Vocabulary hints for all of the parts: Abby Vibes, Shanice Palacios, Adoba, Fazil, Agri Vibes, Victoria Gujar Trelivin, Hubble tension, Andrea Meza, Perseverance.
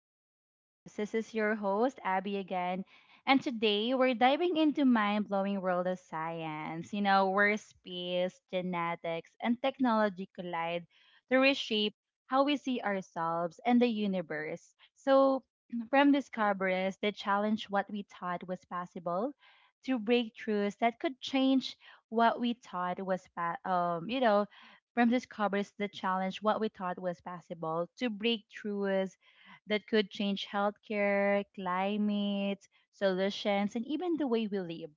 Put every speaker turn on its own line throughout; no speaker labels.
Abby Vibes. This is your host, Abby again. And today we're diving into mind-blowing world of science, you know, where space, genetics, and technology collide to reshape how we see ourselves and the universe. So from discoveries that challenge what we thought was possible to breakthroughs that could change what we thought was pa- you know, from discoveries that challenge what we thought was possible to breakthroughs that could change healthcare, climate, solutions, and even the way we live.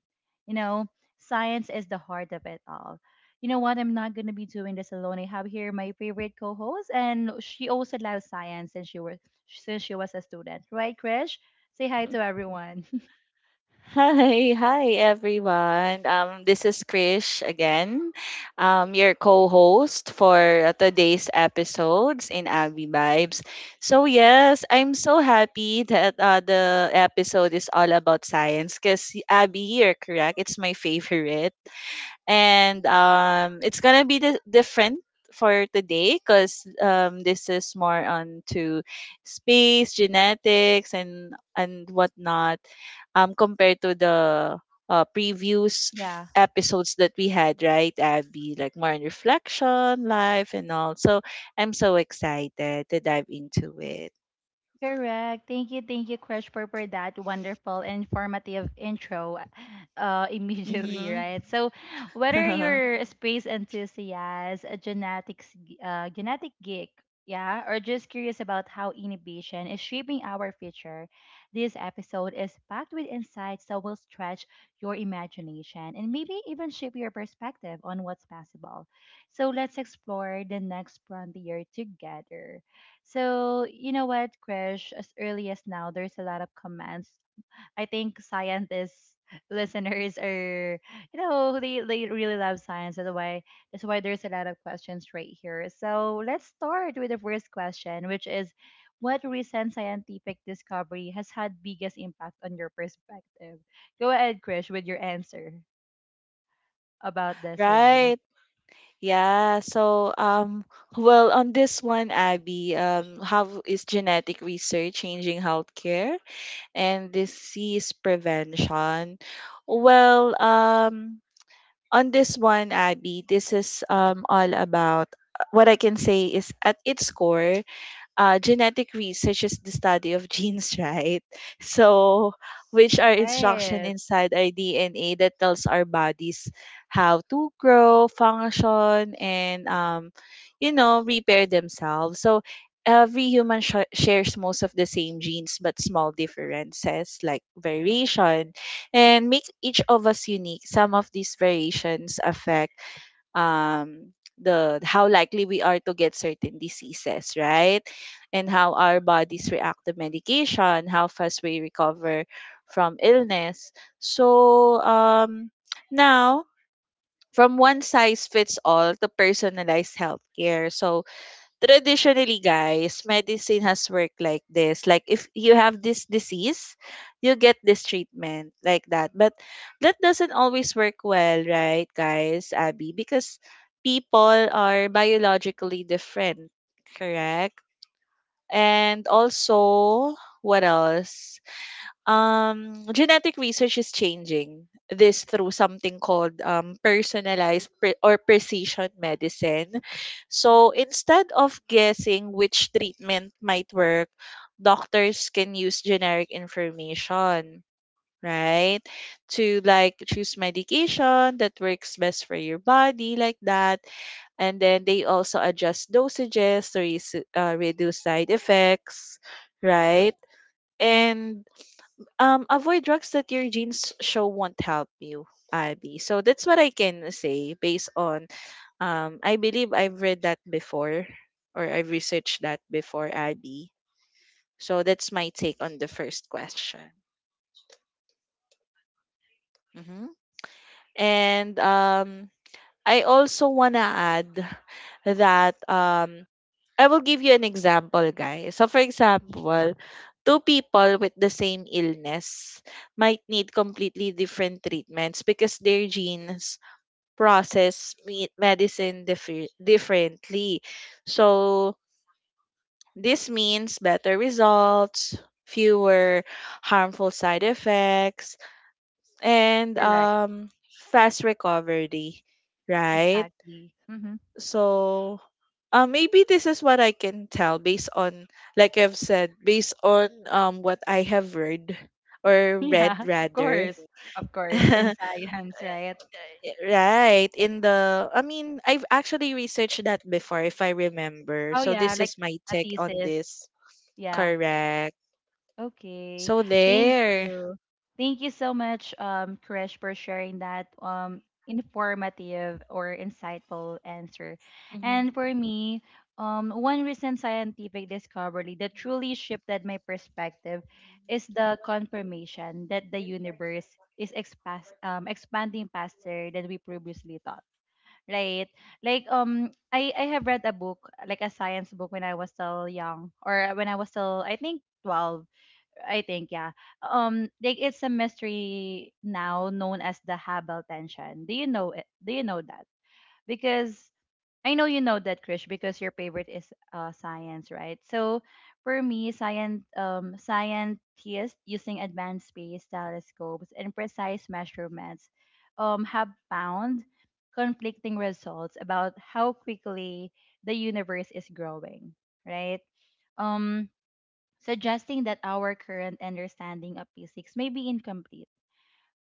You know, Science is the heart of it all. You know what? I'm not going to be doing this alone. I have here my favorite co host, and she also loves science since she was a student. Right, Krish? Say hi to everyone.
Hi, everyone. This is Krish again, your co-host for today's episodes in Agri Vibes. So yes, I'm so happy that the episode is all about science because Abby, you're correct. It's my favorite. And it's gonna be different for today because this is more on to space genetics and whatnot compared to the previous
Yeah.
episodes that we had, right, Abby? Like more on reflection life and all. So I'm so excited to dive into it.
Correct. Thank you, Crush, for that wonderful, informative intro, immediately,
Mm-hmm.
right? So, whether you're a space enthusiast, a genetic geek, yeah, or just curious about how innovation is shaping our future, this episode is packed with insights that will stretch your imagination and maybe even shape your perspective on what's possible. So, let's explore the next frontier together. So, you know what, Krish, as early as now, there's a lot of comments. I think scientists listeners are they really love science, that's why there's a lot of questions right here. So let's start with the first question, which is what recent scientific discovery has had biggest impact on your perspective. Go ahead, Krish, with your answer about this one.
Right. Yeah. Well, on this one, Abby, how is genetic research changing healthcare and disease prevention? Well, on this one, Abby, this is all about what I can say is at its core, genetic research is the study of genes, right? So, which are instruction
Right.
inside our DNA that tells our bodies how to grow, function, and you know, repair themselves. So, every human shares most of the same genes, but small differences like variation, and make each of us unique. Some of these variations affect um the how likely we are to get certain diseases, right, and how our bodies react to medication, how fast we recover from illness. So now, from one size fits all to personalized healthcare. So traditionally, guys, medicine has worked like this: like if you have this disease, you get this treatment, like that. But that doesn't always work well, right, guys, Abby? Because people are biologically different. Correct. And also, what else? Genetic research is changing this through something called personalized pre- or precision medicine. So instead of guessing which treatment might work, doctors can use generic information, right, to like choose medication that works best for your body, like that. And then they also adjust dosages to reduce side effects, right, and avoid drugs that your genes show won't help you, Abby. So that's what I can say based on, I believe I've read that before or I've researched that before, Abby. So that's my take on the first question. Hmm. And I also wanna add that I will give you an example, guys. So for example, two people with the same illness might need completely different treatments because their genes process medicine differently. So this means better results, fewer harmful side effects, and
Correct.
fast recovery, right?
Exactly. Mm-hmm.
So, maybe this is what I can tell based on, like I've said, based on what I have read or
Yeah,
read
of
rather.
course. Of course. In science, right?
Yeah. Right. I mean, I've actually researched that before, if I remember.
Oh,
So
yeah,
this
like
is my
a
take on
thesis.
this.
Yeah.
Correct.
Okay.
So
Thank
there.
you. Thank you so much, Krish, for sharing that informative or insightful answer. And
Mm-hmm.
for me, one recent scientific discovery that truly shifted my perspective is the confirmation that the universe is expanding faster than we previously thought. Right. Like I have read a book, like a science book when I was still young or when I was still I think 12, I think yeah. Like it's a mystery now known as the Hubble tension. Do you know it? Do you know that? Because I know you know that, Krish, because your favorite is science, right? So for me, science scientists using advanced space telescopes and precise measurements have found conflicting results about how quickly the universe is growing, right? Um, Suggesting that our current understanding of physics may be incomplete.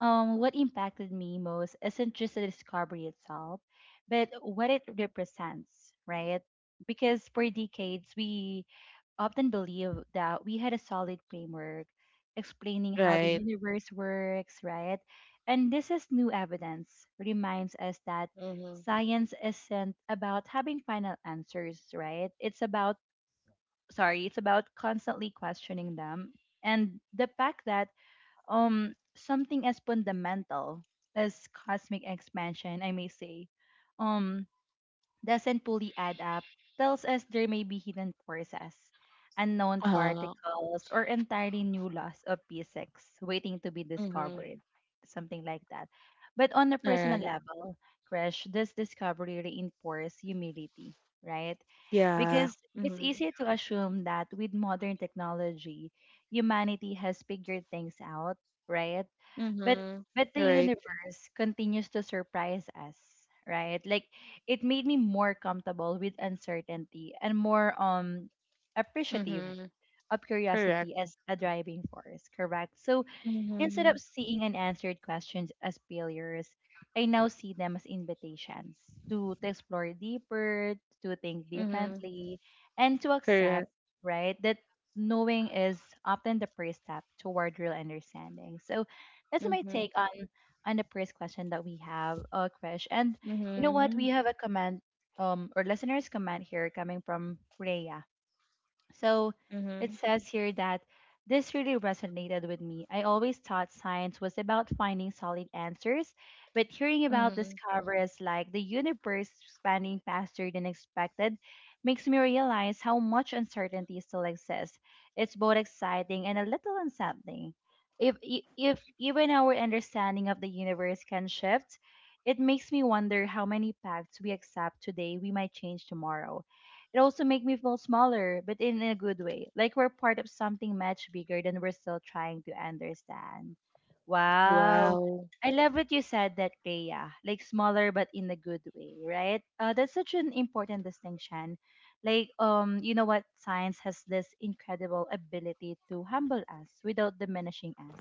Um, what impacted me most isn't just the discovery itself, but what it represents, right? Because for decades, we often believe that we had a solid framework explaining how the
Right.
universe works, right? And this is new evidence reminds us that
Mm-hmm.
science isn't about having final answers, right? Sorry, it's about constantly questioning them. And the fact that something as fundamental as cosmic expansion, I may say, um doesn't fully add up, tells us there may be hidden forces, unknown
Uh,
particles, or entirely new laws of physics waiting to be
mm-hmm.
discovered, something like that. But on a
All
personal
right.
level, Crash, this discovery reinforces humility, right?
Yeah.
Because it's
Mm-hmm.
easy to assume that with modern technology, humanity has figured things out, right? but
Mm-hmm.
but the
Right.
universe continues to surprise us, right? Like it made me more comfortable with uncertainty and more appreciative
Mm-hmm.
of
Correct.
curiosity as a driving force. Correct. So instead of
Mm-hmm.
seeing unanswered questions as failures, I now see them as invitations to explore deeper, to think
Mm-hmm.
differently, and to accept,
Correct.
right, that knowing is often the first step toward real understanding. So that's my
Mm-hmm.
take on the first question that we have, Krish. And you know what?
Mm-hmm.
We have a comment or listeners comment here coming from Rhea. So it
Mm-hmm.
says here that this really resonated with me. I always thought science was about finding solid answers, but hearing about
Mm-hmm.
discoveries like the universe expanding faster than expected makes me realize how much uncertainty still exists. It's both exciting and a little unsettling. If even our understanding of the universe can shift, it makes me wonder how many facts we accept today we might change tomorrow. It also makes me feel smaller, but in a good way. Like we're part of something much bigger than we're still trying to understand. Wow.
Wow.
I love what you said that, Rhea. Like smaller but in a good way, right? That's such an important distinction. Like, you know what? Science has this incredible ability to humble us without diminishing us.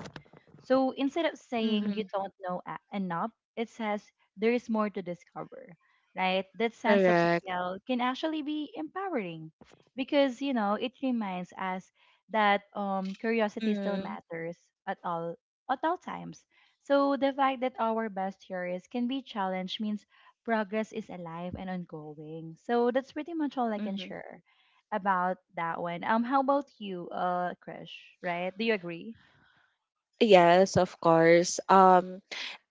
So instead of saying you
Mm-hmm.
don't know a- enough, it says there is more to discover, right? That sense of
Correct.
scale can actually be empowering because, you know, it reminds us that curiosity still
Mm-hmm.
matters at all at all times. So the fact that our best theories can be challenged means progress is alive and ongoing. So that's pretty much all I can share about that one. How about you, Krish? Right? Do you agree?
Yes, of course.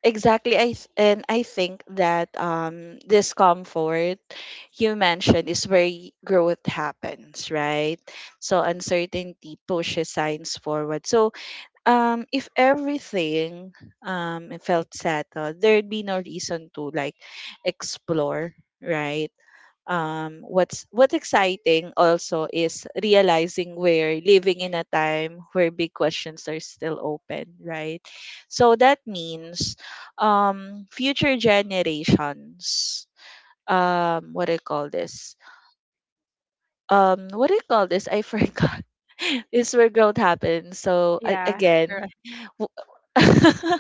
Exactly. And I think that discomfort you mentioned is where growth happens, right? So uncertainty pushes science forward. So if everything felt settled, there'd be no reason to like explore, right? What's exciting also is realizing we're living in a time where big questions are still open, right? So that means future generations. What do you call this? What do you call this? I forgot. It's where growth happens. So I,
Yeah,
again,
correct.
W-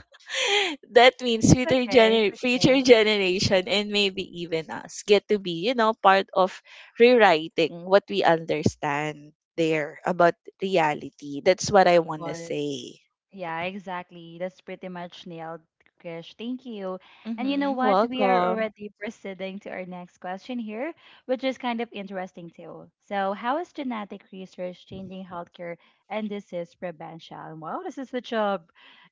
that means
It's okay. It's okay.
future generation and maybe even us get to be, you know, part of rewriting what we understand there about reality. That's what I
Of
want to
course.
say.
Yeah, exactly. That's pretty much nailed, Krish. Thank you. And you know
Hmm.
what? We are
Welcome.
already proceeding to our next question here, which is kind of interesting too. So, how is genetic research changing healthcare and disease prevention? Wow, this is such a,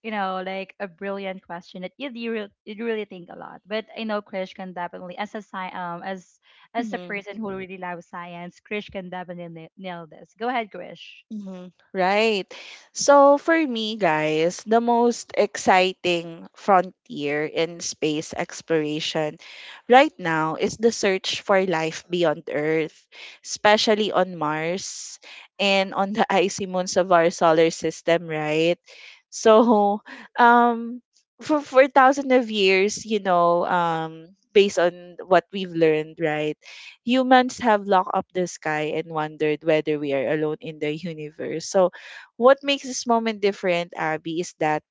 you know, like a brilliant question that you really think a lot. But I know Krish can definitely, as a
Mm-hmm.
person who really loves science, Krish can definitely nail this. Go ahead, Krish.
Mhm. Right. So for me, guys, the most exciting frontier in space exploration right now is the search for life beyond Earth, especially on Mars and on the icy moons of our solar system, right? So, um, for thousands of years, you know, based on what we've learned, right, humans have locked up the sky and wondered whether we are alone in the universe. So, what makes this moment different, Abby, is that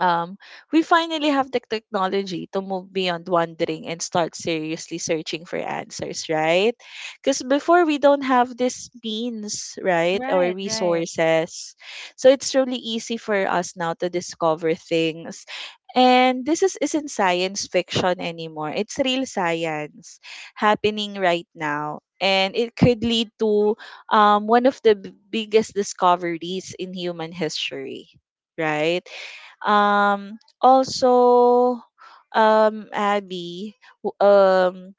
um, we finally have the technology to move beyond wondering and start seriously searching for answers, right? Because before we don't have this means, right, or
Right,
resources. So it's really easy for us now to discover things. And this is, isn't science fiction anymore. It's real science happening right now. And it could lead to one of the biggest discoveries in human history, right? Also, Abby, w- um,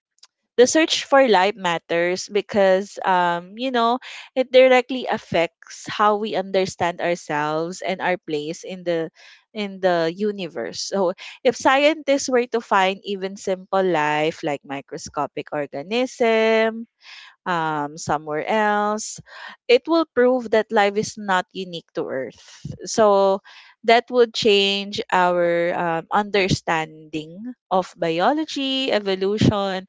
the search for life matters because, you know, it directly affects how we understand ourselves and our place in the universe. So, if scientists were to find even simple life like microscopic organism somewhere else. It will prove that life is not unique to Earth. So that would change our understanding of biology, evolution,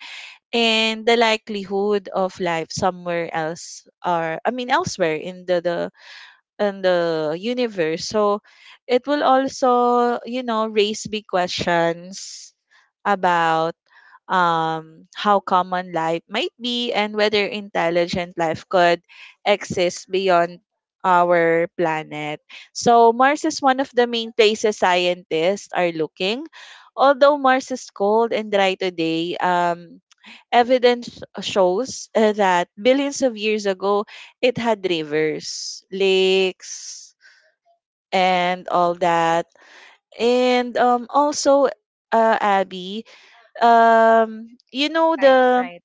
and the likelihood of life somewhere else, or I mean elsewhere in the in the universe. So it will also, you know, raise big questions about how common life might be and whether intelligent life could exist beyond our planet. So Mars is one of the main places scientists are looking. Although Mars is cold and dry today, evidence shows that billions of years ago, it had rivers, lakes, and all that. And also, Abby, you know the
right.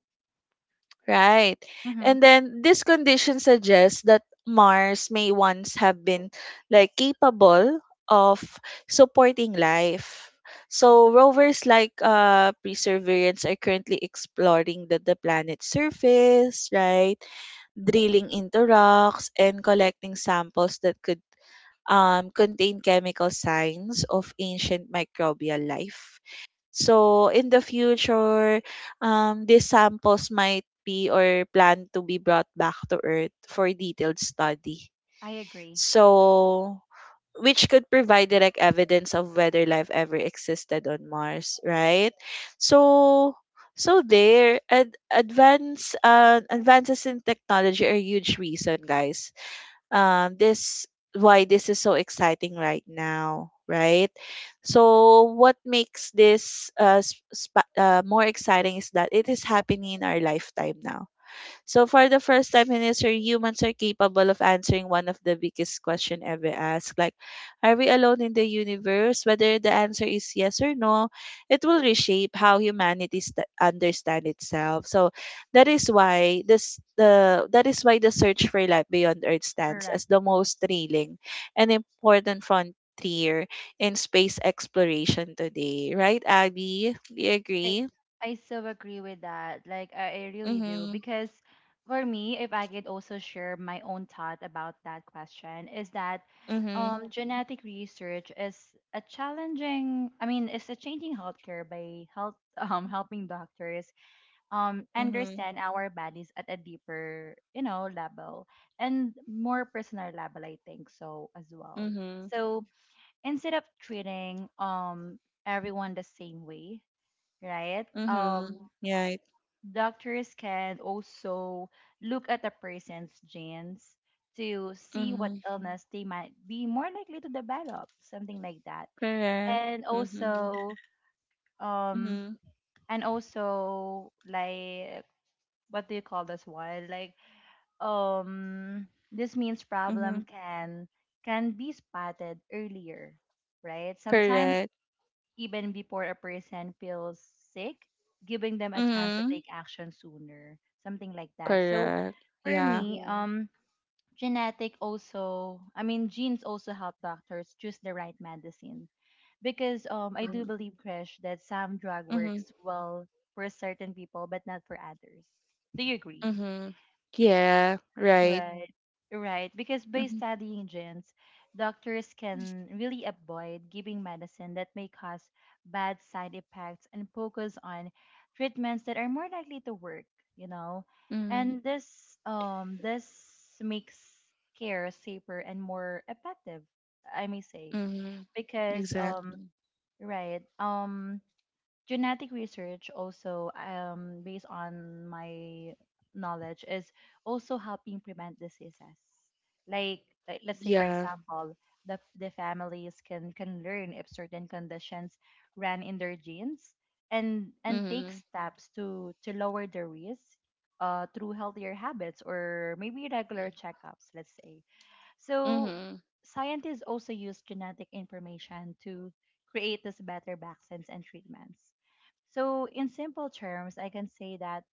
right. And then this condition suggests that Mars may once have been like capable of supporting life. So rovers like Perseverance are currently exploring the planet's surface, right? Drilling into rocks and collecting samples that could contain chemical signs of ancient microbial life. So in the future, these samples might be or plan to be brought back to Earth for detailed study.
I agree.
So which could provide direct evidence of whether life ever existed on Mars, right? So so there, advances in technology are a huge reason, guys, this why this is so exciting right now, right? So what makes this more exciting is that it is happening in our lifetime now. So for the first time in history, humans are capable of answering one of the biggest question ever asked. Like, are we alone in the universe? Whether the answer is yes or no, it will reshape how humanity understand itself. So that is why the search for life beyond Earth stands
Correct.
as the most thrilling and important frontier in space exploration today. Right, Abby? Do you
I
agree?
I so agree with that. Like I really do
Mm-hmm.
because for me, if I could also share my own thought about that question, is that
Mm-hmm.
genetic research is a challenging. I mean, it's a changing healthcare by help helping doctors
Mm-hmm.
understand our bodies at a deeper, you know, level and more personal level. I think so as well.
Mm-hmm.
So instead of treating everyone the same way, right
Mhm.
um
Right.
doctors can also look at a person's genes to see what
Mhm.
illness they might be more likely to develop, something like that.
Correct.
and
Mhm.
also um
Mhm.
and also like, what do you call this one? Like, um this means problem
Mhm.
can be spotted earlier, right? Sometimes
Correct.
even before a person feels sick, giving them a chance to
Mhm.
take action sooner, something like that. So
Correct.
for
Yeah.
me, Yeah. Genetic also, I mean, genes also help doctors choose the right medicine because I do
Mhm.
believe, Krish, that some drug
Mhm.
works well for certain people but not for others. Do you agree?
Mhm. Yeah. Right.
Right, right. Because by
Mhm.
studying genes, doctors can really avoid giving medicine that may cause bad side effects and focus on treatments that are more likely to work, you know.
Mhm.
And this makes care safer and more effective, I may say.
Mhm.
Because
Exactly.
right, genetic research also based on my knowledge is also helping prevent diseases like, like let's say for
Yeah.
example the families can learn if certain conditions ran in their genes and take
Mhm.
steps to lower the risk, through healthier habits or maybe regular checkups let's say. So
Mhm.
scientists also use genetic information to create these better vaccines and treatments. So in simple terms, I can say that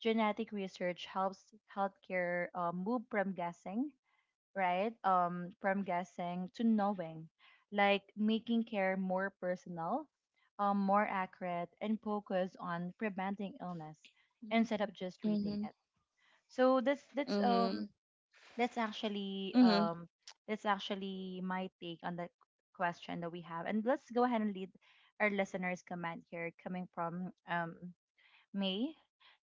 genetic research helps healthcare move from guessing, right, from guessing to knowing, like making care more personal, more accurate, and focus on preventing illness
Mhm.
instead of just treating
Mhm.
it. So
Mhm.
that's actually
Mhm.
um that's actually my take on the question that we have. And let's go ahead and lead our listeners' comment here coming from May.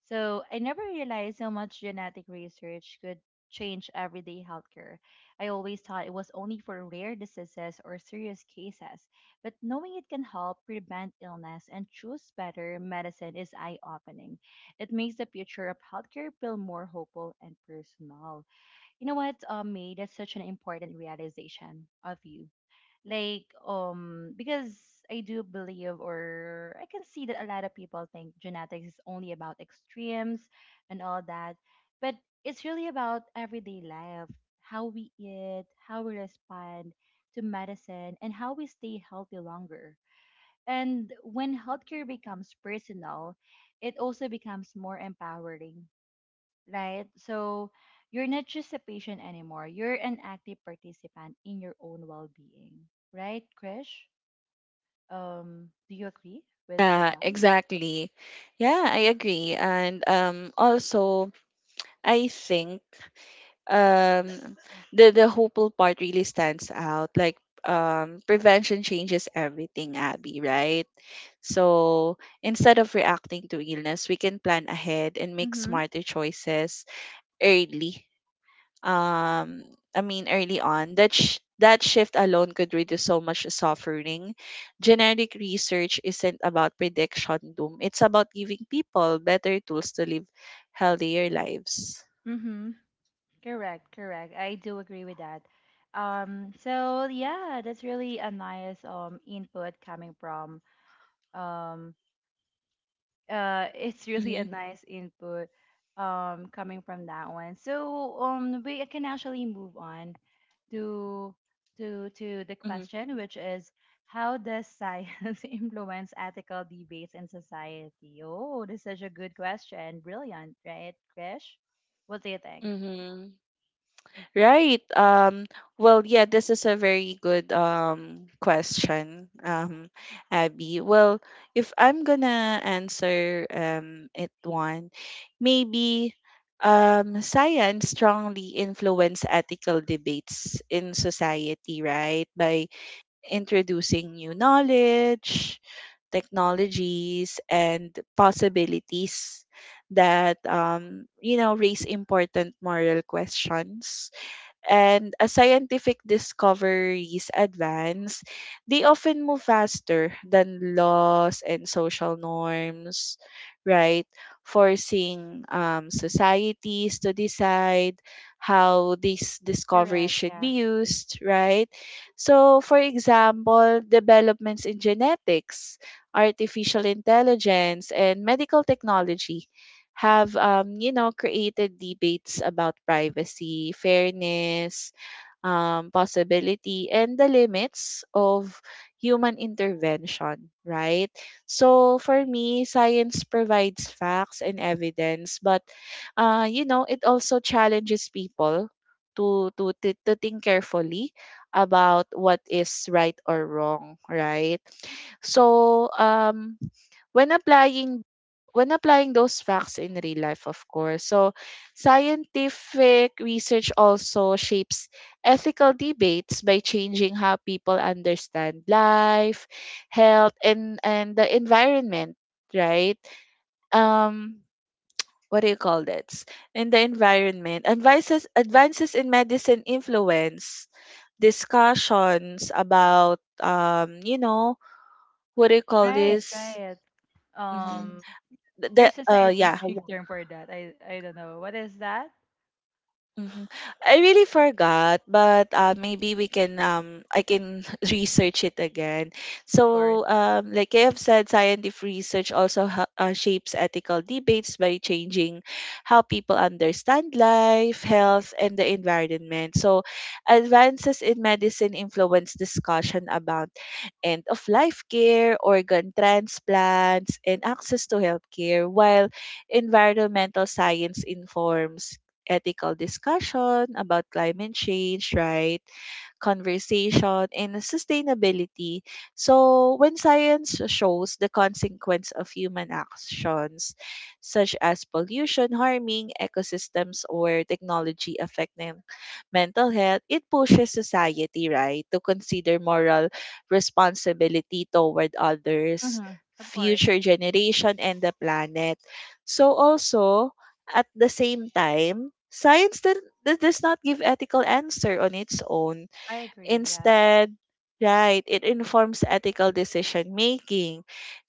So I never realized how much genetic research could change everyday healthcare. I always thought it was only for rare diseases or serious cases, but knowing it can help prevent illness and choose better medicine is eye-opening. It makes the future of healthcare feel more hopeful and personal. You know what, May, that's such an important realization of you. Like, because I do believe, or I can see that a lot of people think genetics is only about extremes and all that, but it's really about everyday life, how we eat, how we respond to medicine, and how we stay healthy longer. And when healthcare becomes personal, it also becomes more empowering, right? So you're not just a patient anymore. You're an active participant in your own well-being, right, Krish? Do you agree with
Yeah,
that?
exactly. Yeah, I agree. And also I think um the hopeful part really stands out. Like prevention changes everything, Abby, right? So instead of reacting to illness, we can plan ahead and make
Mm-hmm.
smarter choices early, um I mean early on. That shift alone could reduce so much suffering. Genetic research isn't about prediction doom. It's about giving people better tools to live healthier lives.
Mm-hmm. Correct. Correct. I do agree with that. So yeah, that's really a nice input coming from um it's really a
Mm-hmm,
nice input coming from that one. So we can actually move on to to the
mm-hmm,
question, which is how does science influence ethical debates in society? Oh, this is such a good question. Brilliant, right, Krish? What do you think?
mm-hmm. Right. Well, yeah, this is a very good question, Abby. Well, if I'm gonna answer it one, maybe science strongly influence ethical debates in society, right? By introducing new knowledge, technologies, and possibilities that, you know, raise important moral questions. And as scientific discoveries advance, they often move faster than laws and social norms, right? Forcing societies to decide how these discoveries
Correct,
should
yeah.
be used, right? So, for example, developments in genetics, artificial intelligence, and medical technology have, you know, created debates about privacy, fairness, possibility, and the limits of human intervention. Right. So for me, science provides facts and evidence, but you know, it also challenges people to think carefully about what is right or wrong. Right. So when applying when applying those facts in real life, of course. So scientific research also shapes ethical debates by changing how people understand life, health, and the environment, right? Um, what do you call that in the environment? Advances in medicine influence discussions about, you know, what do you call
Right,
this?
okay. Right.
Hmm.
um
The
there's a scientific,
Yeah.
yeah, term for that. I don't know what is that.
Mhm. I really forgot, but maybe we can I can research it again.
Of course.
So like I have said, scientific research also shapes ethical debates by changing how people understand life, health, and the environment. So advances in medicine influence discussion about end of life care, organ transplants, and access to healthcare, while environmental science informs ethical discussion about climate change, right, conversation, and sustainability. So, when science shows the consequence of human actions, such as pollution harming ecosystems or technology affecting mental health, it pushes society, right, to consider moral responsibility toward others,
Hmm. Of
future
course.
generation, and the planet. So, also, at the same time, science that does not give ethical answer on its own.
I agree. Yeah.
Instead, right, it informs ethical decision making.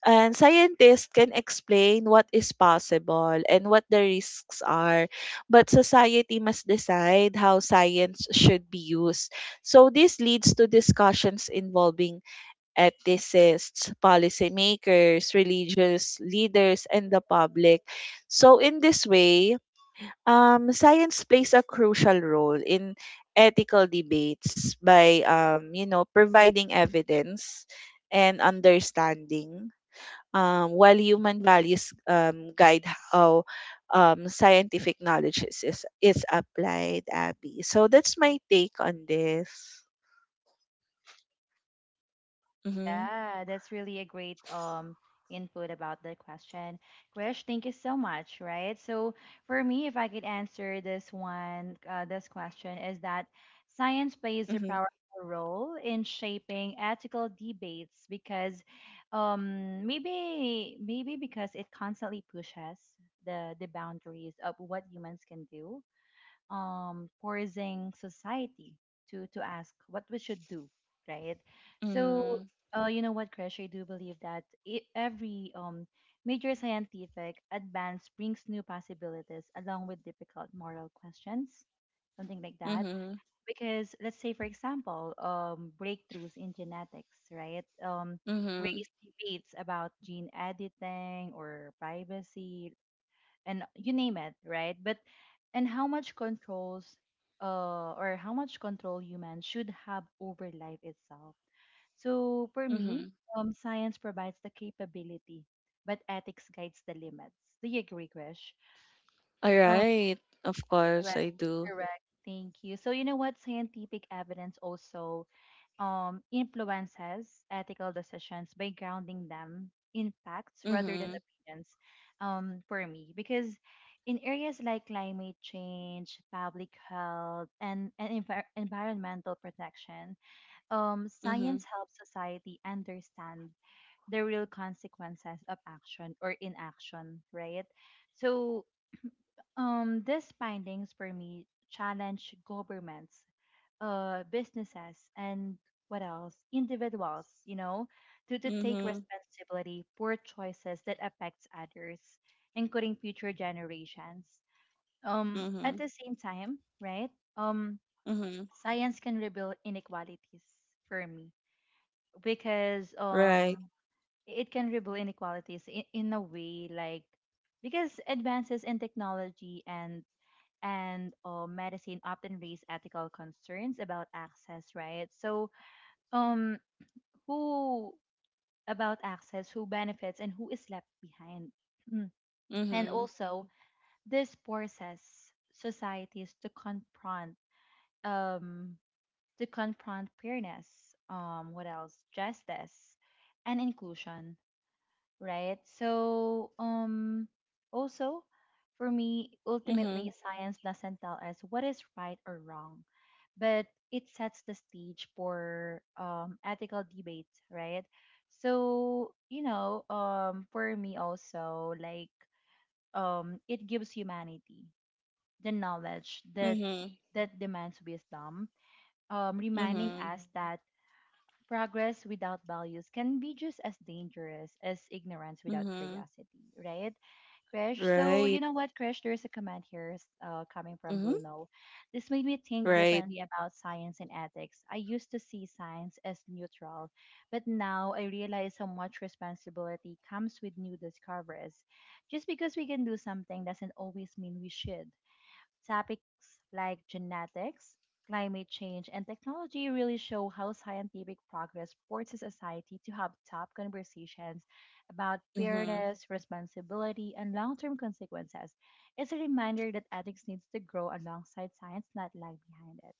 And scientists can explain what is possible and what the risks are, but society must decide how science should be used. So this leads to discussions involving ethicists, policymakers, religious leaders, and the public. So in this way, science plays a crucial role in ethical debates by, providing evidence and understanding. While human values guide how scientific knowledge is applied, Abby. So that's my take on this. Mm-hmm,
Yeah, that's really a great input about the question. Krish, thank you so much, right? So for me, if I could answer this one, this question is that science plays a
mm-hmm,
powerful role in shaping ethical debates because maybe because it constantly pushes the boundaries of what humans can do, pausing society to ask what we should do, right? So,
mm-hmm,
you know what, Krish, I do believe that it, every major scientific advance brings new possibilities along with difficult moral questions, something like that.
mm-hmm,
Because let's say, for example, breakthroughs in genetics, right?
mm-hmm,
Raise debates about gene editing or privacy, and you name it, right? But and how much controls, uh, or how much control humans should have over life itself. So for me,
mm-hmm.
science provides the capability, but ethics guides the limits. Do you agree, Krish?
All
Um
right. Of course, I
Correct,
do.
correct. Thank you. So you know what? Scientific evidence also, influences ethical decisions by grounding them in facts rather than
Mm-hmm,
opinions, for me, because in areas like climate change, public health, and, envir- environmental protection,
mm-hmm,
science helps society understand the real consequences of action or inaction, right? So, these findings for me challenge governments, businesses, and what else, individuals, to take
mm-hmm,
responsibility for choices that affects others, including future generations, um,
mm-hmm.
at the same time, right. Um, science can reveal inequalities, for me, because, um,
Right.
it can reveal inequalities in a way like because advances in technology and, medicine often raise ethical concerns about access, right? So, um, who, about access, who benefits and who is left behind. Mm. And
Mhm.
also this forces societies to confront, um, to confront fairness, um, what else, justice, and inclusion, right? So, also, for me,
Mhm.
ultimately, science doesn't tell us what is right or wrong, but it sets the stage for, ethical debates, right? So, for me also, like, it gives humanity the knowledge that
Mhm.
that demands wisdom, reminding
Mhm.
us that progress without values can be just as dangerous as ignorance without
Mhm.
curiosity, right? Krish, so
Right.
you know what, Krish, there's a comment here s- coming from
Mhm.
Bruno. This made me think
Right.
differently about science and ethics. I used to see science as neutral, but now I realize how much responsibility comes with new discoveries. Just because we can do something doesn't always mean we should. Topics like genetics, climate change, and technology really show how scientific progress forces society to have tough conversations about
Mhm.
fairness, responsibility, and long term consequences. It's a reminder that ethics needs to grow alongside science, not lag behind it.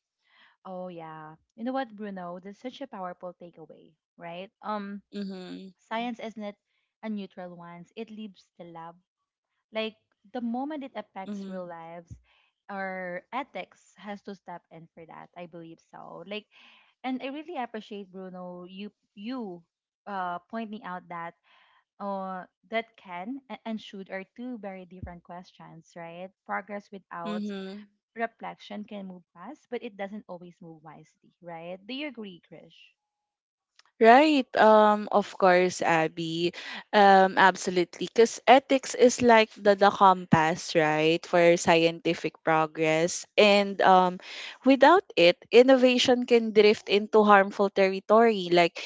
Oh yeah. You know what, Bruno? That's such a powerful takeaway, right?
Mhm.
Science isn't a neutral one. It leaves the lab, like the moment it affects
Mhm.
real lives, our ethics has to step in for that. I believe so. Like, and I really appreciate Bruno. You uh, pointing out that uh, that can a- and should are two very different questions, right? Progress without
Mhm.
reflection can move fast, but it doesn't always move wisely, right? Do you agree, Krish?
Right, of course, Abby. Absolutely. Because ethics is like the compass, right, for scientific progress. And without it, innovation can drift into harmful territory, like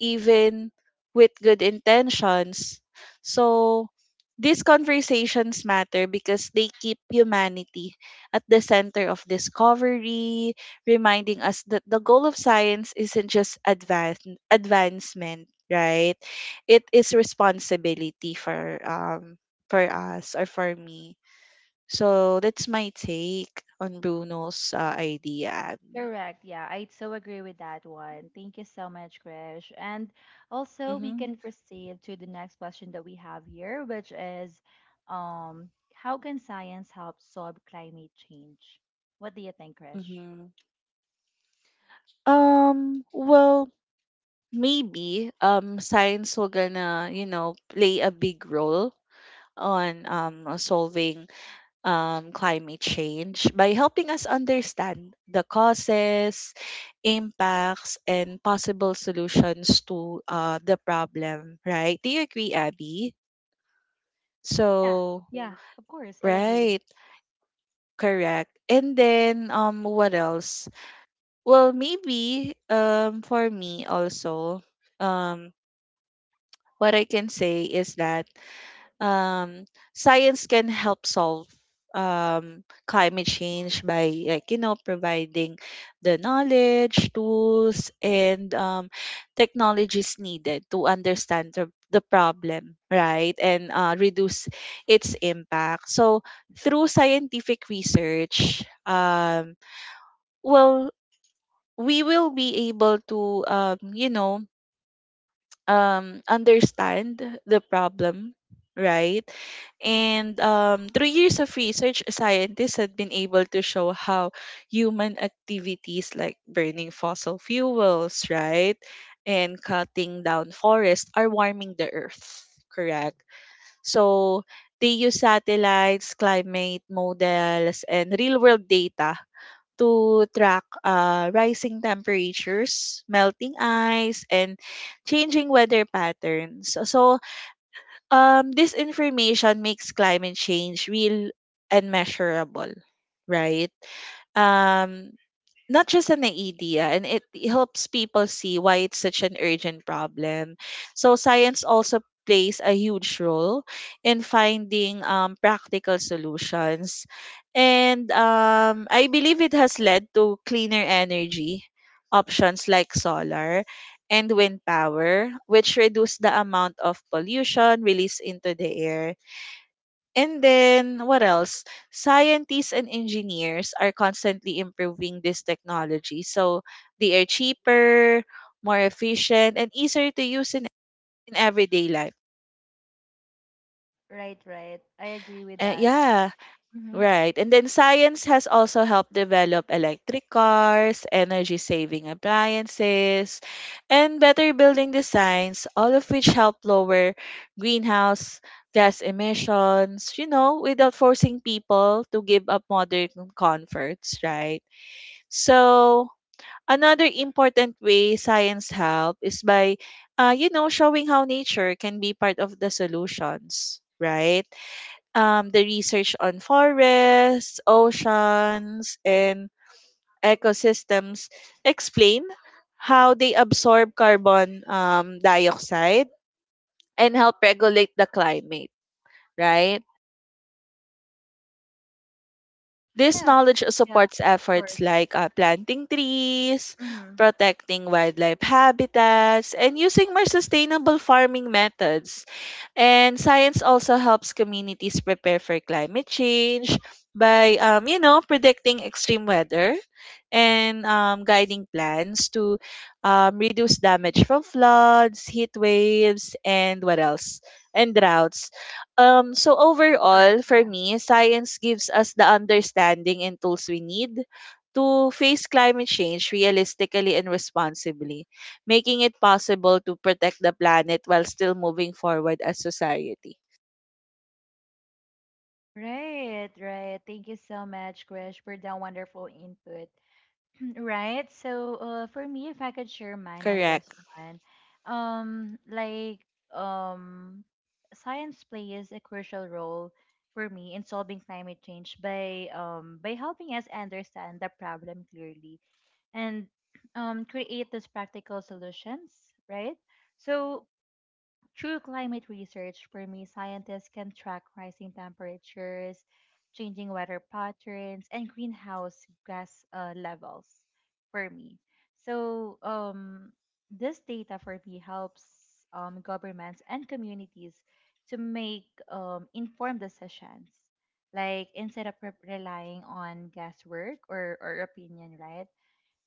even with good intentions. So these conversations matter because they keep humanity at the center of discovery, reminding us that the goal of science isn't just advance advancement, right? It is responsibility for us or for me. So that's my take on Bruno's idea.
Correct. Yeah, I so agree with that one. Thank you so much, Krish. And also, we
Mm-hmm.
can proceed to the next question that we have here, which is, how can science help solve climate change? What do you think, Krish?
Mm-hmm. Well, maybe science will gonna, you know, play a big role on solving climate change by helping us understand the causes, impacts, and possible solutions to the problem, right? Do you agree, Abby?
Yeah,
So,
yeah, of course, I agree.
right, correct. And then, what else? Well, maybe for me also, um, what I can say is that um, science can help solve climate change by, like, you know, providing the knowledge, tools, and technologies needed to understand the problem, right? And reduce its impact. So through scientific research, well, we will be able to, understand the problem, right? And through years of research, scientists have been able to show how human activities like burning fossil fuels, right, and cutting down forests are warming the earth, correct? So they use satellites, climate models, and real world data to track rising temperatures, melting ice, and changing weather patterns. So, this information makes climate change real and measurable, right? Um, Not just an idea, and it helps people see why it's such an urgent problem. So science also plays a huge role in finding practical solutions, and I believe it has led to cleaner energy options like solar and wind power, which reduce the amount of pollution released into the air. And then what else? Scientists and engineers are constantly improving this technology. So they are cheaper, more efficient, and easier to use in everyday life.
Right, right. I agree with that.
Yeah.
Mm-hmm.
Right. And then science has also helped develop electric cars, energy saving appliances, and better building designs, all of which help lower greenhouse gas emissions, you know, without forcing people to give up modern comforts, right? So, another important way science help is by, showing how nature can be part of the solutions, right? The research on forests, oceans, and ecosystems explain how they absorb carbon dioxide and help regulate the climate, right? This
Yeah,
knowledge
yeah, of
supports
course.
efforts like planting trees,
Mm-hmm.
protecting wildlife habitats, and using more sustainable farming methods. And science also helps communities prepare for climate change by, predicting extreme weather and guiding plans to reduce damage from floods, heat waves, and what else? And droughts. So overall,
Correct.
for
Yeah.
me, science gives us the understanding and tools we need to face climate change realistically and responsibly, making it possible to protect the planet while still moving forward as society.
Right, right. Thank you so much, Krish, for that wonderful input. Right. So, for me, if I could share mine on this
Correct.
one, like, um, science plays a crucial role for me in solving climate change by helping us understand the problem clearly and, create these practical solutions, right? So, through climate research, for me, scientists can track rising temperatures, changing weather patterns, and greenhouse gas, levels for me. So, this data for me helps, governments and communities to make, informed decisions. Like instead of re- relying on guesswork or opinion, right?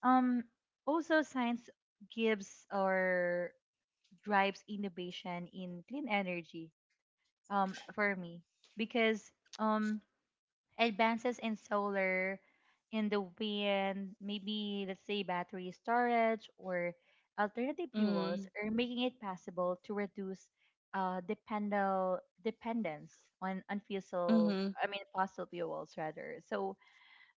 Um, also, science gives or drives innovation in clean energy, for me because, um, advances in solar, in the wind, maybe let's say battery storage or alternative fuels
Mm,
are making it possible to reduce, dependal dependence on fossil
mm-hmm.
I mean fossil fuels rather. So,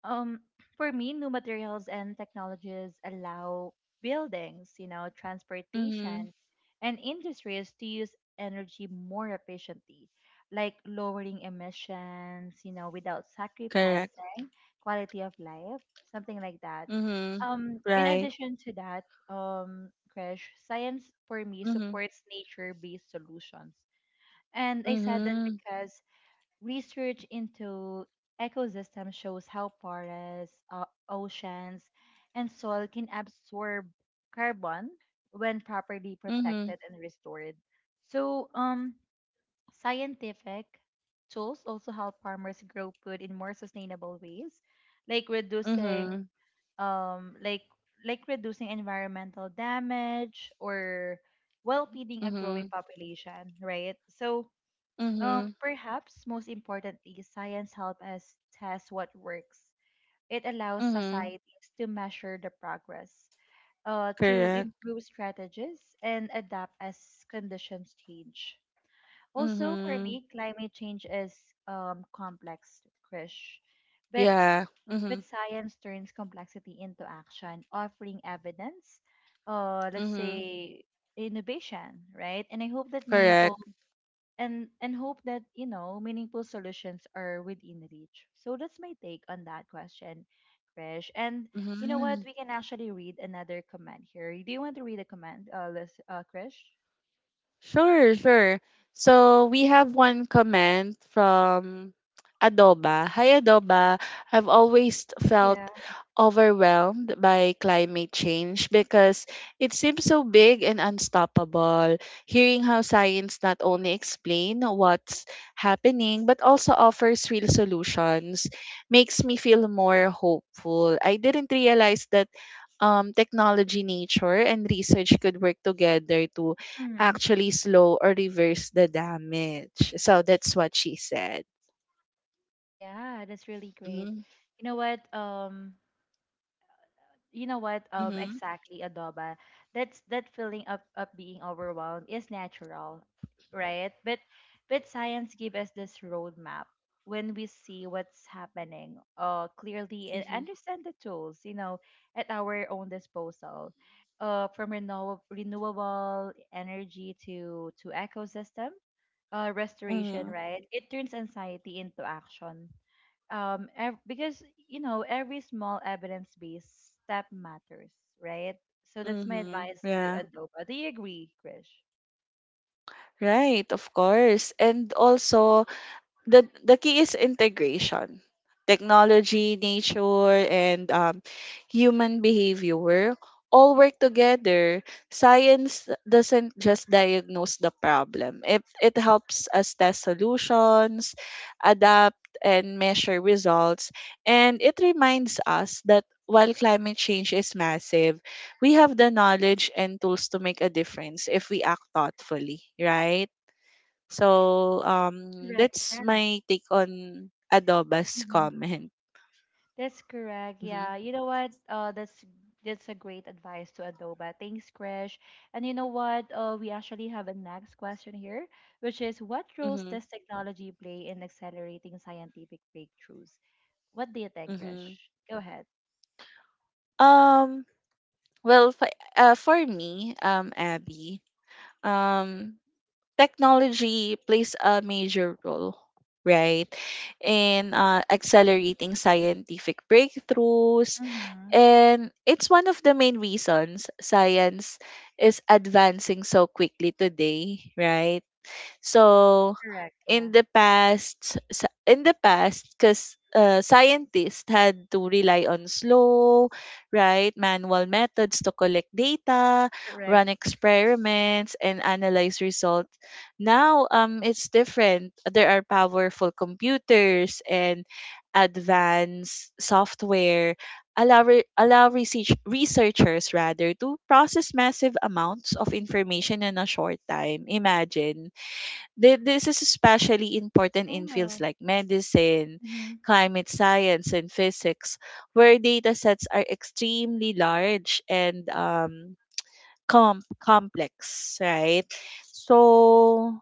um, for me, new materials and technologies allow buildings, you know,
Mm-hmm.
transportation, and industries to use energy more efficiently, like lowering emissions, you know, without
Correct.
sacrificing quality of life, something like that.
Mm-hmm.
In
Right.
addition to that, Krish, science for me
Mm-hmm.
supports nature-based solutions. And I said that
Mm-hmm.
because research into ecosystems shows how forests, oceans, and soil can absorb carbon when properly
Mm-hmm.
protected and restored. So, scientific tools also help farmers grow food in more sustainable ways, like reducing,
Mm-hmm.
um, like like reducing environmental damage or well feeding a
Mm-hmm.
growing population, right? So,
Mm-hmm.
perhaps most importantly, science helps us test what works. It allows
Mm-hmm.
societies to measure the progress, to
Correct.
improve strategies, and adapt as conditions change. Also, for
Mm-hmm.
me, climate change is, complex, Krish. But,
Yeah. Mm-hmm.
but science turns complexity into action, offering evidence, let's
Mm-hmm.
say innovation, right? And I hope that meaningful
Correct.
and hope that meaningful solutions are within reach. So that's my take on that question, Krish. And you know what,
Mhm.
we can actually read another comment here. Do you want to read a comment, Lis- uh, Krish?
Sure, sure. So we have one comment from Adoba. Hi, Adoba. I've always felt
Yeah.
overwhelmed by climate change because it seems so big and unstoppable. Hearing how science not only explain what's happening but also offers real solutions makes me feel more hopeful. I didn't realize that technology, nature, and research could work together to
Mm-hmm.
actually slow or reverse the damage. So that's what she said.
Yeah, that's really great.
Mm-hmm.
You know what? What um,
Mm-hmm.
exactly, Adoba, that's that feeling of being overwhelmed is natural, right? But science gives us this roadmap. When we see what's happening uh, clearly and
Mm-hmm.
understand the tools, at our own disposal, uh, from renew- renewable energy to ecosystem, uh, restoration,
Mm-hmm.
right, it turns anxiety into action. Um, ev- because every small evidence based step matters, right? So that's my
Mm-hmm.
advice to
Yeah.
Adoba. Do you agree, Krish?
Right, of course. And also the key is integration, technology, nature, and human behavior all work together. Science doesn't just diagnose the problem, it helps us test solutions, adapt, and measure results. And it reminds us that while climate change is massive, we have the knowledge and tools to make a difference if we act thoughtfully, right? So,
Correct.
that's
Yeah.
my take on Adoba's
Hmm.
comment.
That's correct.
Hmm.
Yeah, you know what, uh, that's a great advice to Adoba. Thanks, Krish. And you know what, uh, we actually have a next question here, which is what roles
Hmm.
does technology play in accelerating scientific breakthroughs? What do you think, Krish?
Hmm.
Go ahead.
Um, for me, Abby, um, technology plays a major role, right, in accelerating scientific breakthroughs.
Hmm.
And it's one of the main reasons science is advancing so quickly today, right? So,
Correct, yeah.
in the past, because scientists had to rely on slow, right, manual methods to collect data,
Correct.
run experiments, and analyze results. Now, it's different. There are powerful computers and advanced software allow researchers, rather, to process massive amounts of information in a short time. Imagine. This is especially important in
Yeah.
fields like medicine,
Mm-hmm.
climate science, and physics, where data sets are extremely large and complex, right? So,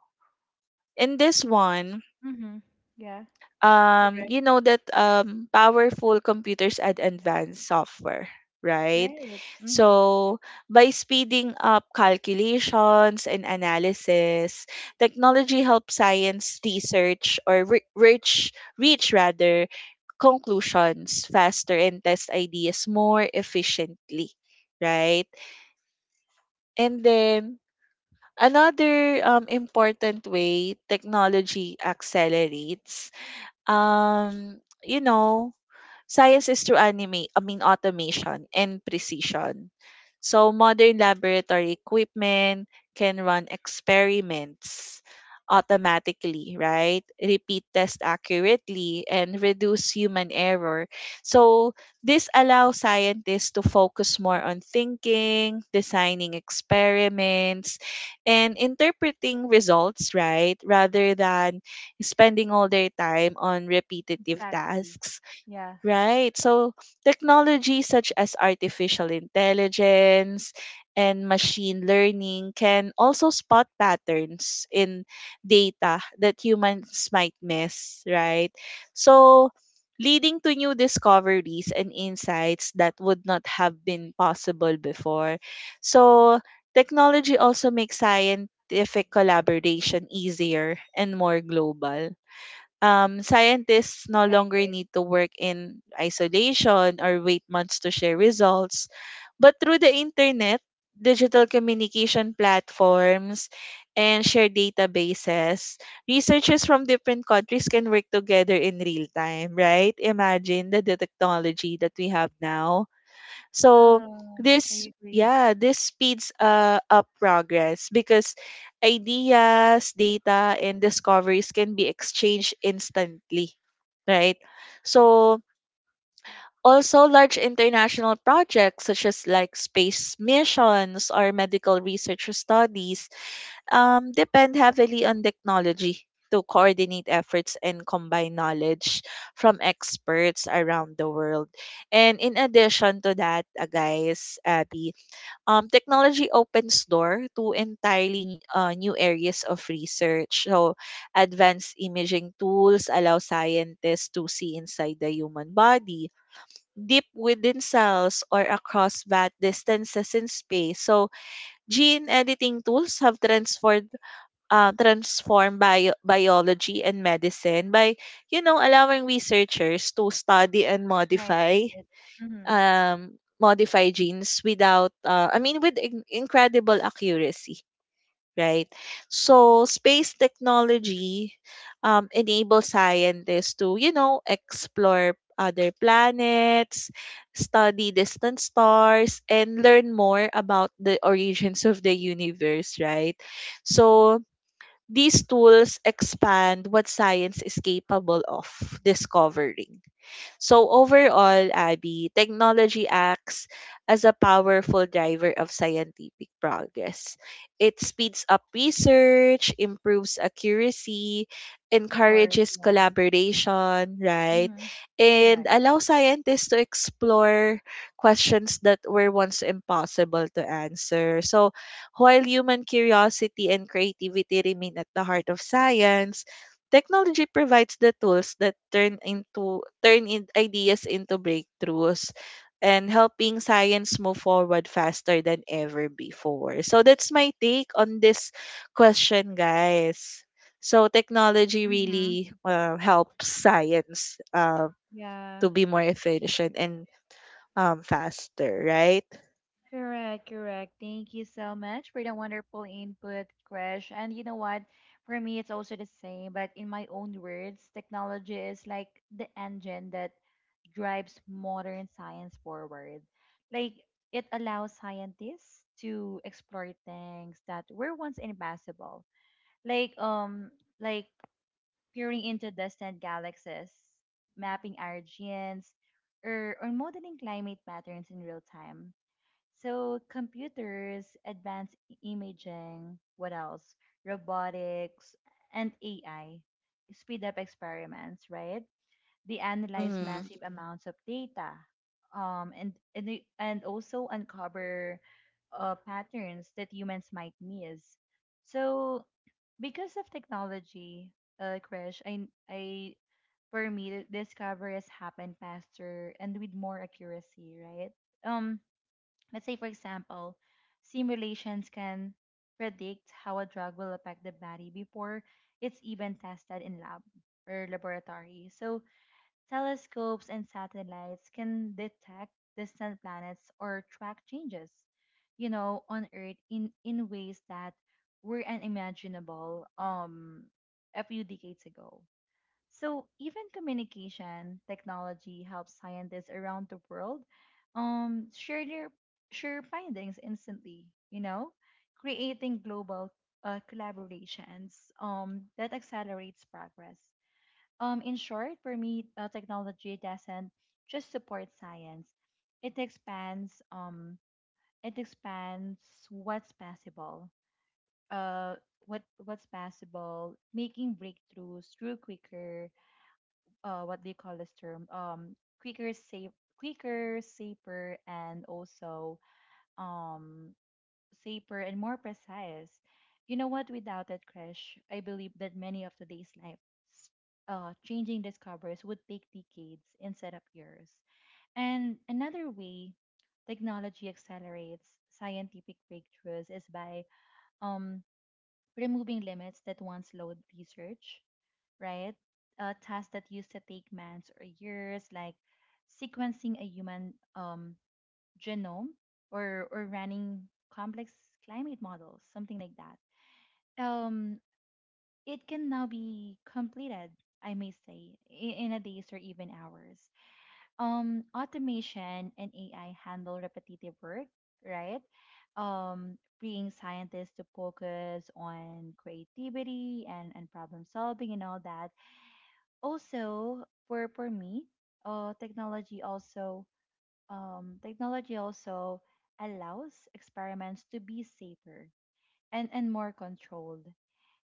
in this one,
Mm-hmm. Yeah. Correct.
you know that powerful computers and advanced software, right?
Right. Mm-hmm.
So by speeding up calculations and analysis, technology helps science research or reach, rather, conclusions faster and test ideas more efficiently, right? And then another important way technology accelerates, um you know science, is through anime, I mean automation and precision. So modern laboratory equipment can run experiments automatically, right? Repeat test accurately and reduce human error. So this allows scientists to focus more on thinking, designing experiments, and interpreting results, right? Rather than spending all their time on repetitive
Exactly.
tasks.
Yeah.
Right. So technology such as artificial intelligence and machine learning can also spot patterns in data that humans might miss, right? So leading to new discoveries and insights that would not have been possible before. So technology also makes scientific collaboration easier and more global. Scientists no
Right,
longer
right.
need to work in isolation or wait months to share results. But through the internet, digital communication platforms, and shared databases, researchers from different countries can work together in real time, right? Imagine the technology that we have now. So
Yeah. I
this,
agree.
yeah, this speeds up progress because ideas, data, and discoveries can be exchanged instantly, right? So also large international projects such as like space missions or medical research studies depend heavily on technology to coordinate efforts and combine knowledge from experts around the world. And in addition to that, guys, Abby, technology opens door to entirely new areas of research. So, advanced imaging tools allow scientists to see inside the human body, deep within cells, or across vast distances in space. So, gene editing tools have transformed biology and medicine by, you know, allowing researchers to study and
Right.
modify
Right. Mm-hmm.
genes without, with incredible accuracy, right? So space technology enable scientists to, you know, explore other planets, study distant stars, and learn more about the origins of the universe, right? So these tools expand what science is capable of discovering. So overall, Abby, technology acts as a powerful driver of scientific progress. It speeds up research, improves accuracy,
Of course.
encourages
Yeah.
collaboration, right?
Mm-hmm.
And
Correct.
allows scientists to explore questions that were once impossible to answer. So while human curiosity and creativity remain at the heart of science, technology provides the tools that turn into turn in ideas into breakthroughs and helping science move forward faster than ever before. So that's my take on this question, guys. So technology
Mm-hmm.
really helps science
Yeah.
to be more efficient and faster, right?
Correct, correct. Thank you so much for the wonderful input, Crash. And you know what? For me, it's also the same, but in my own words, technology is like the engine that drives modern science forward. Like it allows scientists to explore things that were once impossible. Like like peering into distant galaxies, mapping our genes, or modeling climate patterns in real time. So computers, advanced imaging, what else? Robotics and AI speed up experiments, right? They analyze massive amounts of data, and they- and also uncover, patterns that humans might miss. So, because of technology, Crash, I for me the discovery has happened faster and with more accuracy, right? Um, let's say for example, simulations can predict how a drug will affect the body before it's even tested in lab or laboratory. So telescopes and satellites can detect distant planets or track changes, you know, on Earth in ways that were unimaginable, a few decades ago. So even communication technology helps scientists around the world, um, share their share findings instantly, you know, creating global, collaborations, that accelerates progress. In short, for me, technology doesn't just support science; it expands, um, it expands what's possible. Uh, what's possible, making breakthroughs through quicker. What do you call this term? Quicker, safe, quicker, safer, and also, um, safer, and more precise. You know what? Without that, Crash, I believe that many of today's life, changing discoveries would take decades instead of years. And another way technology accelerates scientific breakthroughs is by, um, removing limits that once slowed research, right? Tasks that used to take months or years, like sequencing a human, genome or running complex climate models, something like that. Um, it can now be completed, I may say, I- in a days or even hours. Automation and AI handle repetitive work, right? Freeing scientists to focus on creativity and problem solving and all that. Also, for me, technology also um, technology also allows experiments to be safer and more controlled.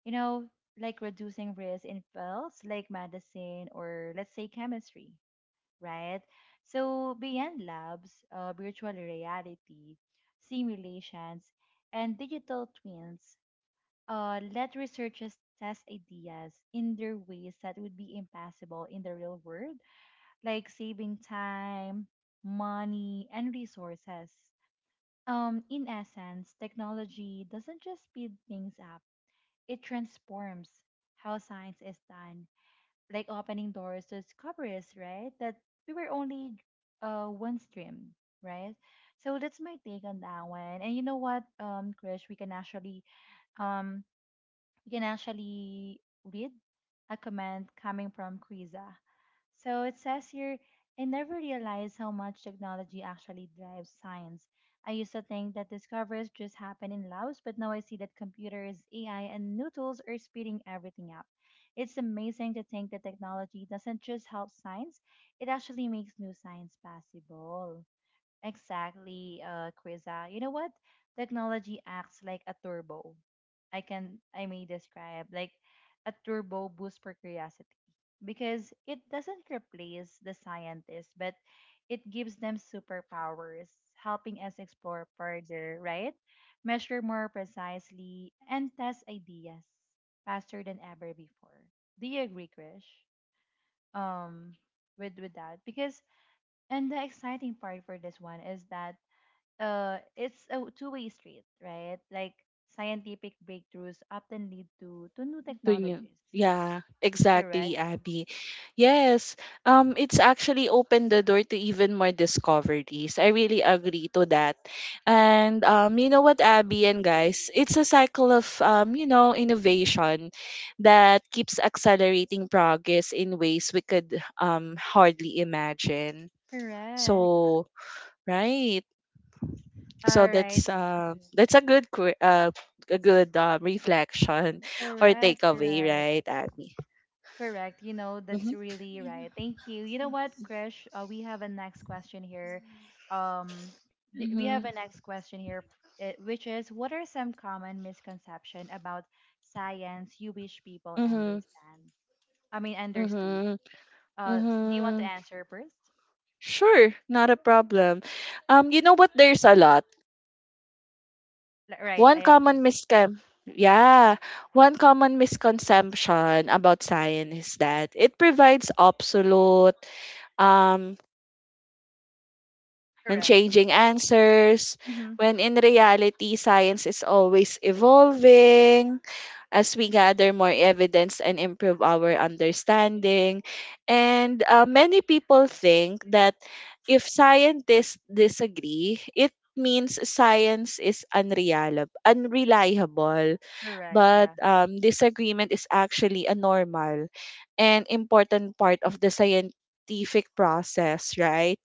You know, like reducing risk in fields like medicine or, let's say, chemistry, right? So beyond labs, virtual reality, simulations, and digital twins let researchers test ideas in their ways that would be impossible in the real world, like saving time, money, and resources. In essence, technology doesn't just speed things up, it transforms how science is done, like opening doors to discoveries, right? That we were only one stream, right? So that's my take on that one. And you know what, Krish, we can actually um we can actually read a comment coming from Kriza. So it says here, I never realized how much technology actually drives science. I used to think that discoveries just happen in labs, but now I see that computers, AI, and new tools are speeding everything up. It's amazing to think that technology doesn't just help science, it actually makes new science possible. Exactly, Krisa. You know what? Technology acts like a turbo. I may describe like a turbo boost for curiosity, because it doesn't replace the scientists, but it gives them superpowers, helping us explore further, right? Measure more precisely and test ideas faster than ever before. Do you agree, Krish? Um, with that, because and the exciting part for this one is that it's a two-way street, right? Like scientific breakthroughs often lead to new
To you.
technologies,
Yeah, exactly,
correct?
Abby. Yes, it's actually opened the door to even more discoveries. I really agree to that. And you know what, Abby and guys, it's a cycle of innovation that keeps accelerating progress in ways we could hardly imagine.
Correct.
So, right.
All
So
right.
that's a a good reflection or
Correct.
takeaway,
Correct.
right, Abby?
Correct. You know, that's
Mhm.
really right. Thank you. You know what, Krish? We have a next question here. Um, we have
Mhm.
a next question here, which is, what are some common misconception about science you wish people
Mhm.
understand? I mean, understood.
Mhm.
Uh, do you want to
Mhm.
answer first?
Sure, not a problem. You know what? There's a lot.
Right, I
One common
agree.
miscon Yeah, one common misconception about science is that it provides absolute um and
Correct.
changing answers,
Hmm.
when in reality science is always evolving as we gather more evidence and improve our understanding. And many people think that if scientists disagree, it means science is unreliable.
Correct,
But
yeah.
disagreement is actually a normal and important part of the scientific process, right?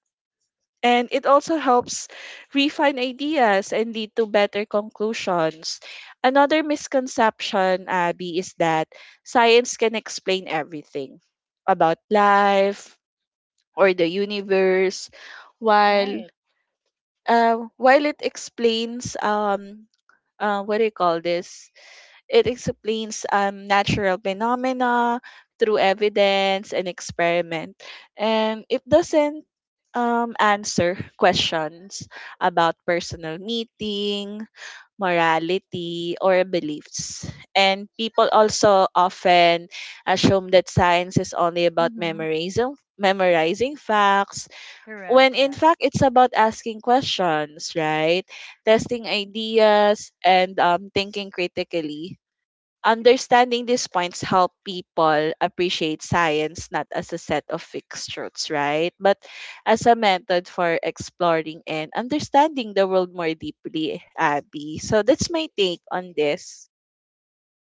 And it also helps refine ideas and lead to better conclusions. Another misconception, Abby, is that science can explain everything about life or the universe, while
Right.
it explains what do you call this it explains natural phenomena through evidence and experiment, and it doesn't answer questions about personal meeting, morality, or beliefs. And people also often assume that science is only about
Hmm.
memorizing facts,
Correct,
when
yeah.
in fact it's about asking questions, right? Testing ideas and thinking critically. Understanding these points help people appreciate science not as a set of fixed truths, right? But as a method for exploring and understanding the world more deeply, Abby. So that's my take on this.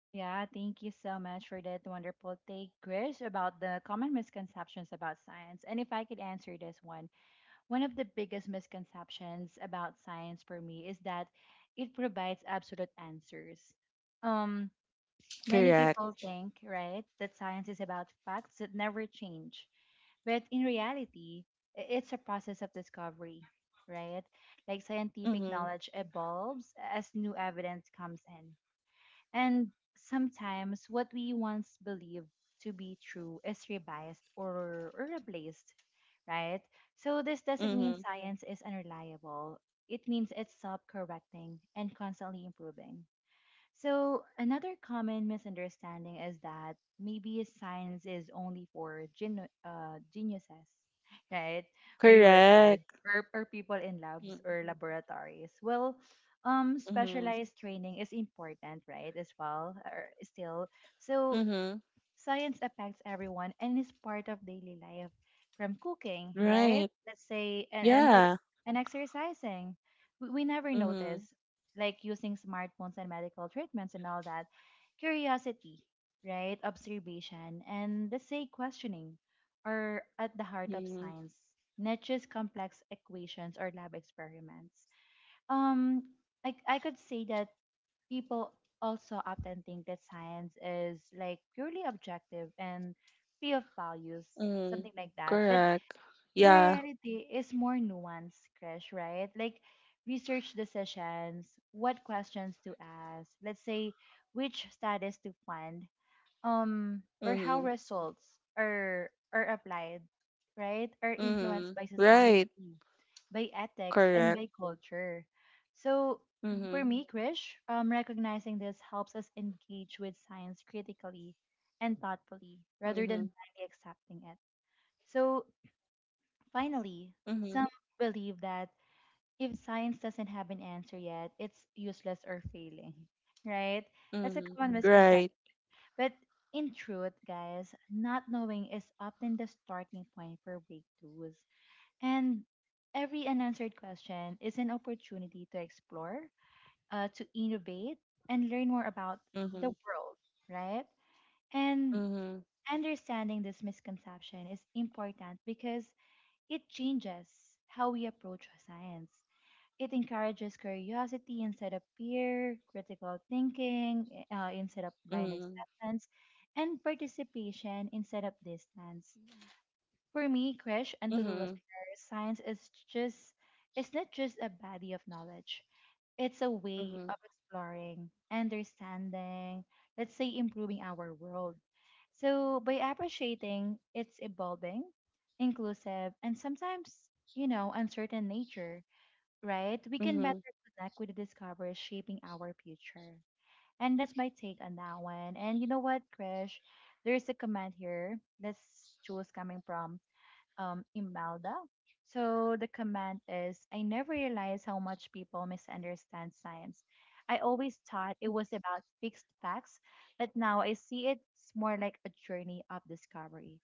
Yeah, thank you so much for that wonderful take, Krish, about the common misconceptions about science. And if I could answer this one, one of the biggest misconceptions about science for me is that it provides absolute answers. Um, Many
Correct.
people think, right, that science is about facts that never change. But in reality, it's a process of discovery, right? Like scientific
Mm-hmm.
knowledge evolves as new evidence comes in. And sometimes what we once believed to be true is revised or replaced, right? So this doesn't mean
Mm-hmm.
science is unreliable. It means it's self correcting and constantly improving. So, another common misunderstanding is that maybe science is only for geniuses, right? When we were kids,
Correct.
or people in labs or laboratories. Well,
Mm-hmm.
specialized training is important, right? As well, or still. So,
Mm-hmm.
science affects everyone and is part of daily life, from cooking, right?
Right.
Let's say,
Yeah.
and exercising. We never
Mm-hmm.
notice, like using smartphones and medical treatments and all that. Curiosity, right? Observation, and, let's say, questioning are at the heart of
Mm-hmm.
science, not just complex equations or lab experiments. Um, I could say that people also often think that science is like purely objective and free of values,
Mm-hmm.
something like that. But
Correct.
the
Yeah.
reality is more nuanced, Krish, right? Like research decisions, what questions to ask, let's say which studies to fund, or how
Mm-hmm.
results are applied, right, are influenced
Mm-hmm.
by society,
Right.
by ethics, and
Correct.
by culture. So for
Mm-hmm.
me, Krish, recognizing this helps us engage with science critically and thoughtfully rather
Mm-hmm.
than blindly accepting it. So finally,
Mm-hmm.
some believe that if science doesn't have an answer yet, it's useless or failing, right? That's a
Mhm.
common
Right.
misconception. But in truth, guys, not knowing is often the starting point for breakthroughs. And every unanswered question is an opportunity to explore, to innovate, and learn more about the
Mhm.
world, right? And
Mhm.
understanding this misconception is important because it changes how we approach science. It encourages curiosity instead of fear, critical thinking instead of blind
Mhm.
acceptance, and participation instead of distance. For me, Krish, and to the
Mhm.
listeners, science is just it's not just a body of knowledge. It's a way
Mhm.
of exploring, understanding, let's say improving our world. So by appreciating its evolving, inclusive, and sometimes, you know, uncertain nature, right? We can better
Mhm.
connect with the discoveries shaping our future. And that's my take on that one. And you know what, Krish? There's a comment here. Let's choose coming from Imelda. So the comment is, I never realized how much people misunderstand science. I always thought it was about fixed facts, but now I see it's more like a journey of discovery.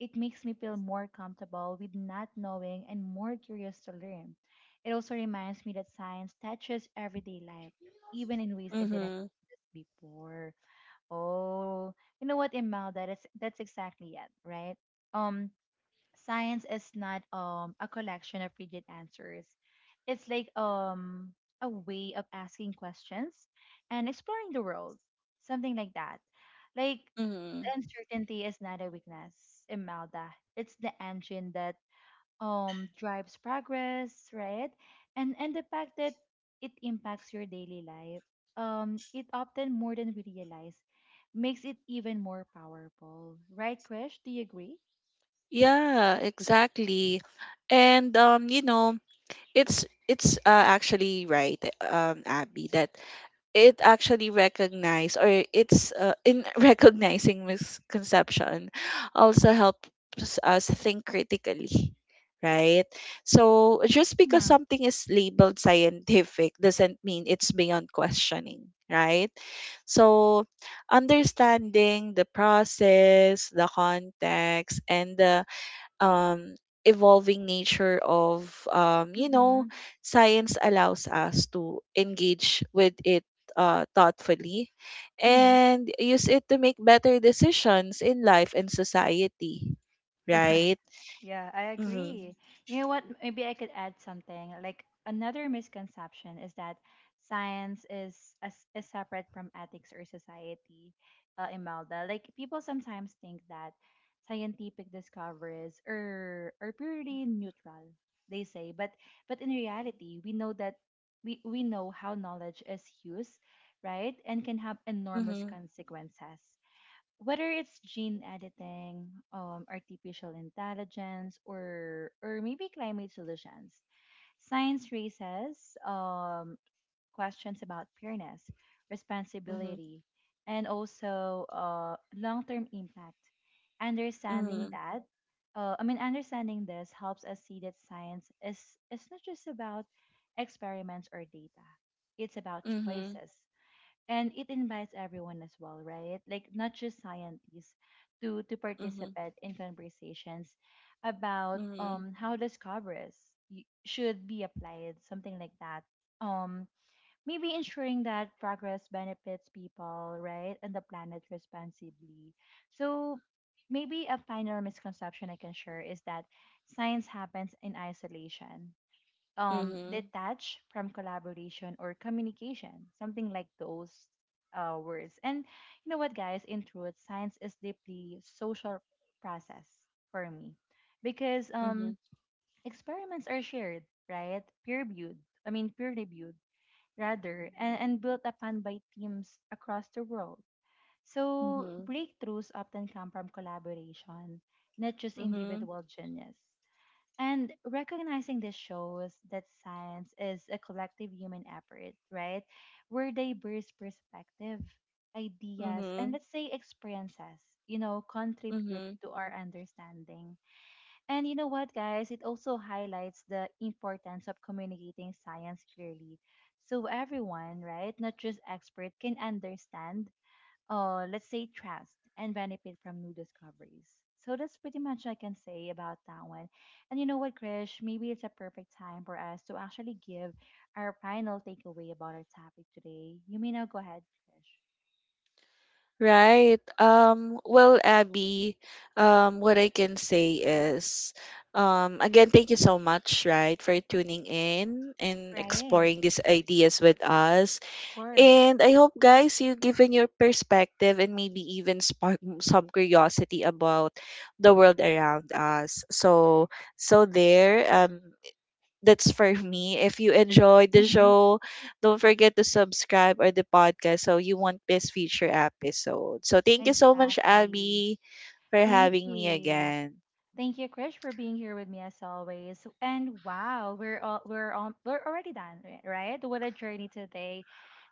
It makes me feel more comfortable with not knowing and more curious to learn. It also reminds me that science touches everyday life, even in ways I didn't
Mhm.
notice before. Oh, you know what, Imelda? That's exactly it, right? Um, Science is not a collection of rigid answers. It's like a way of asking questions and exploring the world, something like that. Like the
Mhm.
uncertainty is not a weakness, Imelda. It's the engine that drives progress, right? And the fact that it impacts your daily life, it often more than we realize, makes it even more powerful, right, Krish? Do you agree?
Yeah, exactly. And you know, it's actually right, Abby, that it actually recognize or it's in recognizing misconception also helps us think critically, right? So just because
Mm-hmm.
something is labeled scientific doesn't mean it's beyond questioning, right? So understanding the process, the context, and the um evolving nature of,
Mm-hmm.
science allows us to engage with it thoughtfully
Mm-hmm.
and use it to make better decisions in life and society,
Correct.
right?
Yeah, I
Mhm.
agree. You know what? Maybe I could add something. Like another misconception is that science is as is separate from ethics or society, Imelda. Like people sometimes think that scientific discoveries are purely neutral, they say. But in reality, we know that we know how knowledge is used, right? And can have enormous
Mhm.
consequences. Whether it's gene editing, artificial intelligence, or maybe climate solutions, science raises questions about fairness,
Mhm.
responsibility, and also long-term impact. Understanding
Mhm.
that, understanding this helps us see that science is not just about experiments or data. It's about choices, and it invites everyone as well, right, like not just scientists, to
Mhm.
participate in conversations about
Mhm.
how discoveries should be applied, something like that. Um maybe ensuring that progress benefits people, right, and the planet responsibly. So maybe a final misconception I can share is that science happens in isolation,
Mhm.
detach from collaboration or communication, something like those words. And you know what, guys? In truth, science is deeply social process for me, because
Mhm.
experiments are shared, right? Peer reviewed rather, and built upon by teams across the world. So
Mhm.
breakthroughs often come from collaboration, not just
Mhm.
individual genius. And recognizing this shows that science is a collective human effort, right? Where diverse perspective,
Mhm.
ideas, and,
Mhm.
let's say, experiences, you know, contribute
Mhm.
to our understanding. And you know what, guys? It also highlights the importance of communicating science clearly. So everyone, right, not just expert, can understand, let's say, trust and benefit from new discoveries. So that's pretty much I can say about that one. And you know what, Krish? Maybe it's a perfect time for us to actually give our final takeaway about our topic today. You may now go ahead, Krish.
Right. Well, Abby, what I can say is, again, thank you so much, right, for tuning in and
Right,
exploring these ideas with us.
of course.
And I hope, guys, you given your perspective and maybe even spark some curiosity about the world around us. So, so there. That's for me. If you enjoyed the
Mm-hmm.
show, don't forget to subscribe or the podcast so you won't miss future episodes. So thank you so much,
Exactly.
Abby, for
Thank
having me
you.
again.
Thank you, Krish, for being here with me as always. And wow, we're already done, right? What a journey today.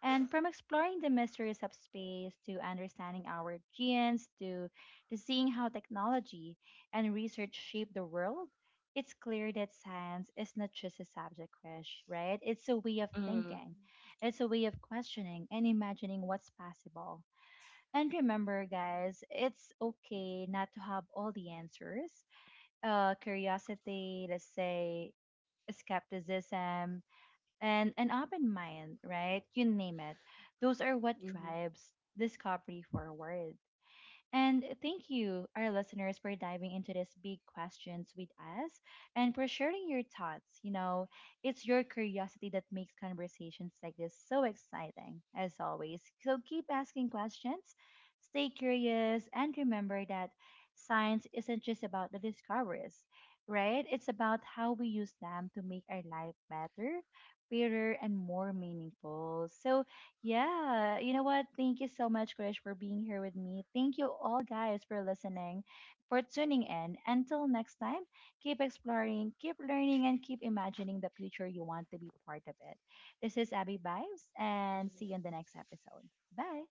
And from exploring the mysteries of space to understanding our genes, to seeing how technology and research shape the world, it's clear that science is not just a subject, Krish, right? It's a way of
Mm.
thinking. It's a way of questioning and imagining what's possible. And remember, guys, it's okay not to have all the answers, curiosity, let's say, skepticism, and an open mind, right? You name it. Those are what
Mhm.
drives discovery forward. And thank you, our listeners, for diving into these big questions with us and for sharing your thoughts. You know, it's your curiosity that makes conversations like this so exciting, as always. So keep asking questions, stay curious, and remember that science isn't just about the discoveries, right? It's about how we use them to make our life better, fairer, and more meaningful. So, yeah, you know what? Thank you so much, Krish, for being here with me. Thank you all, guys, for listening, for tuning in. Until next time, keep exploring, keep learning, and keep imagining the future you want to be part of it. This is Abby Vibes, and see you in the next episode. Bye.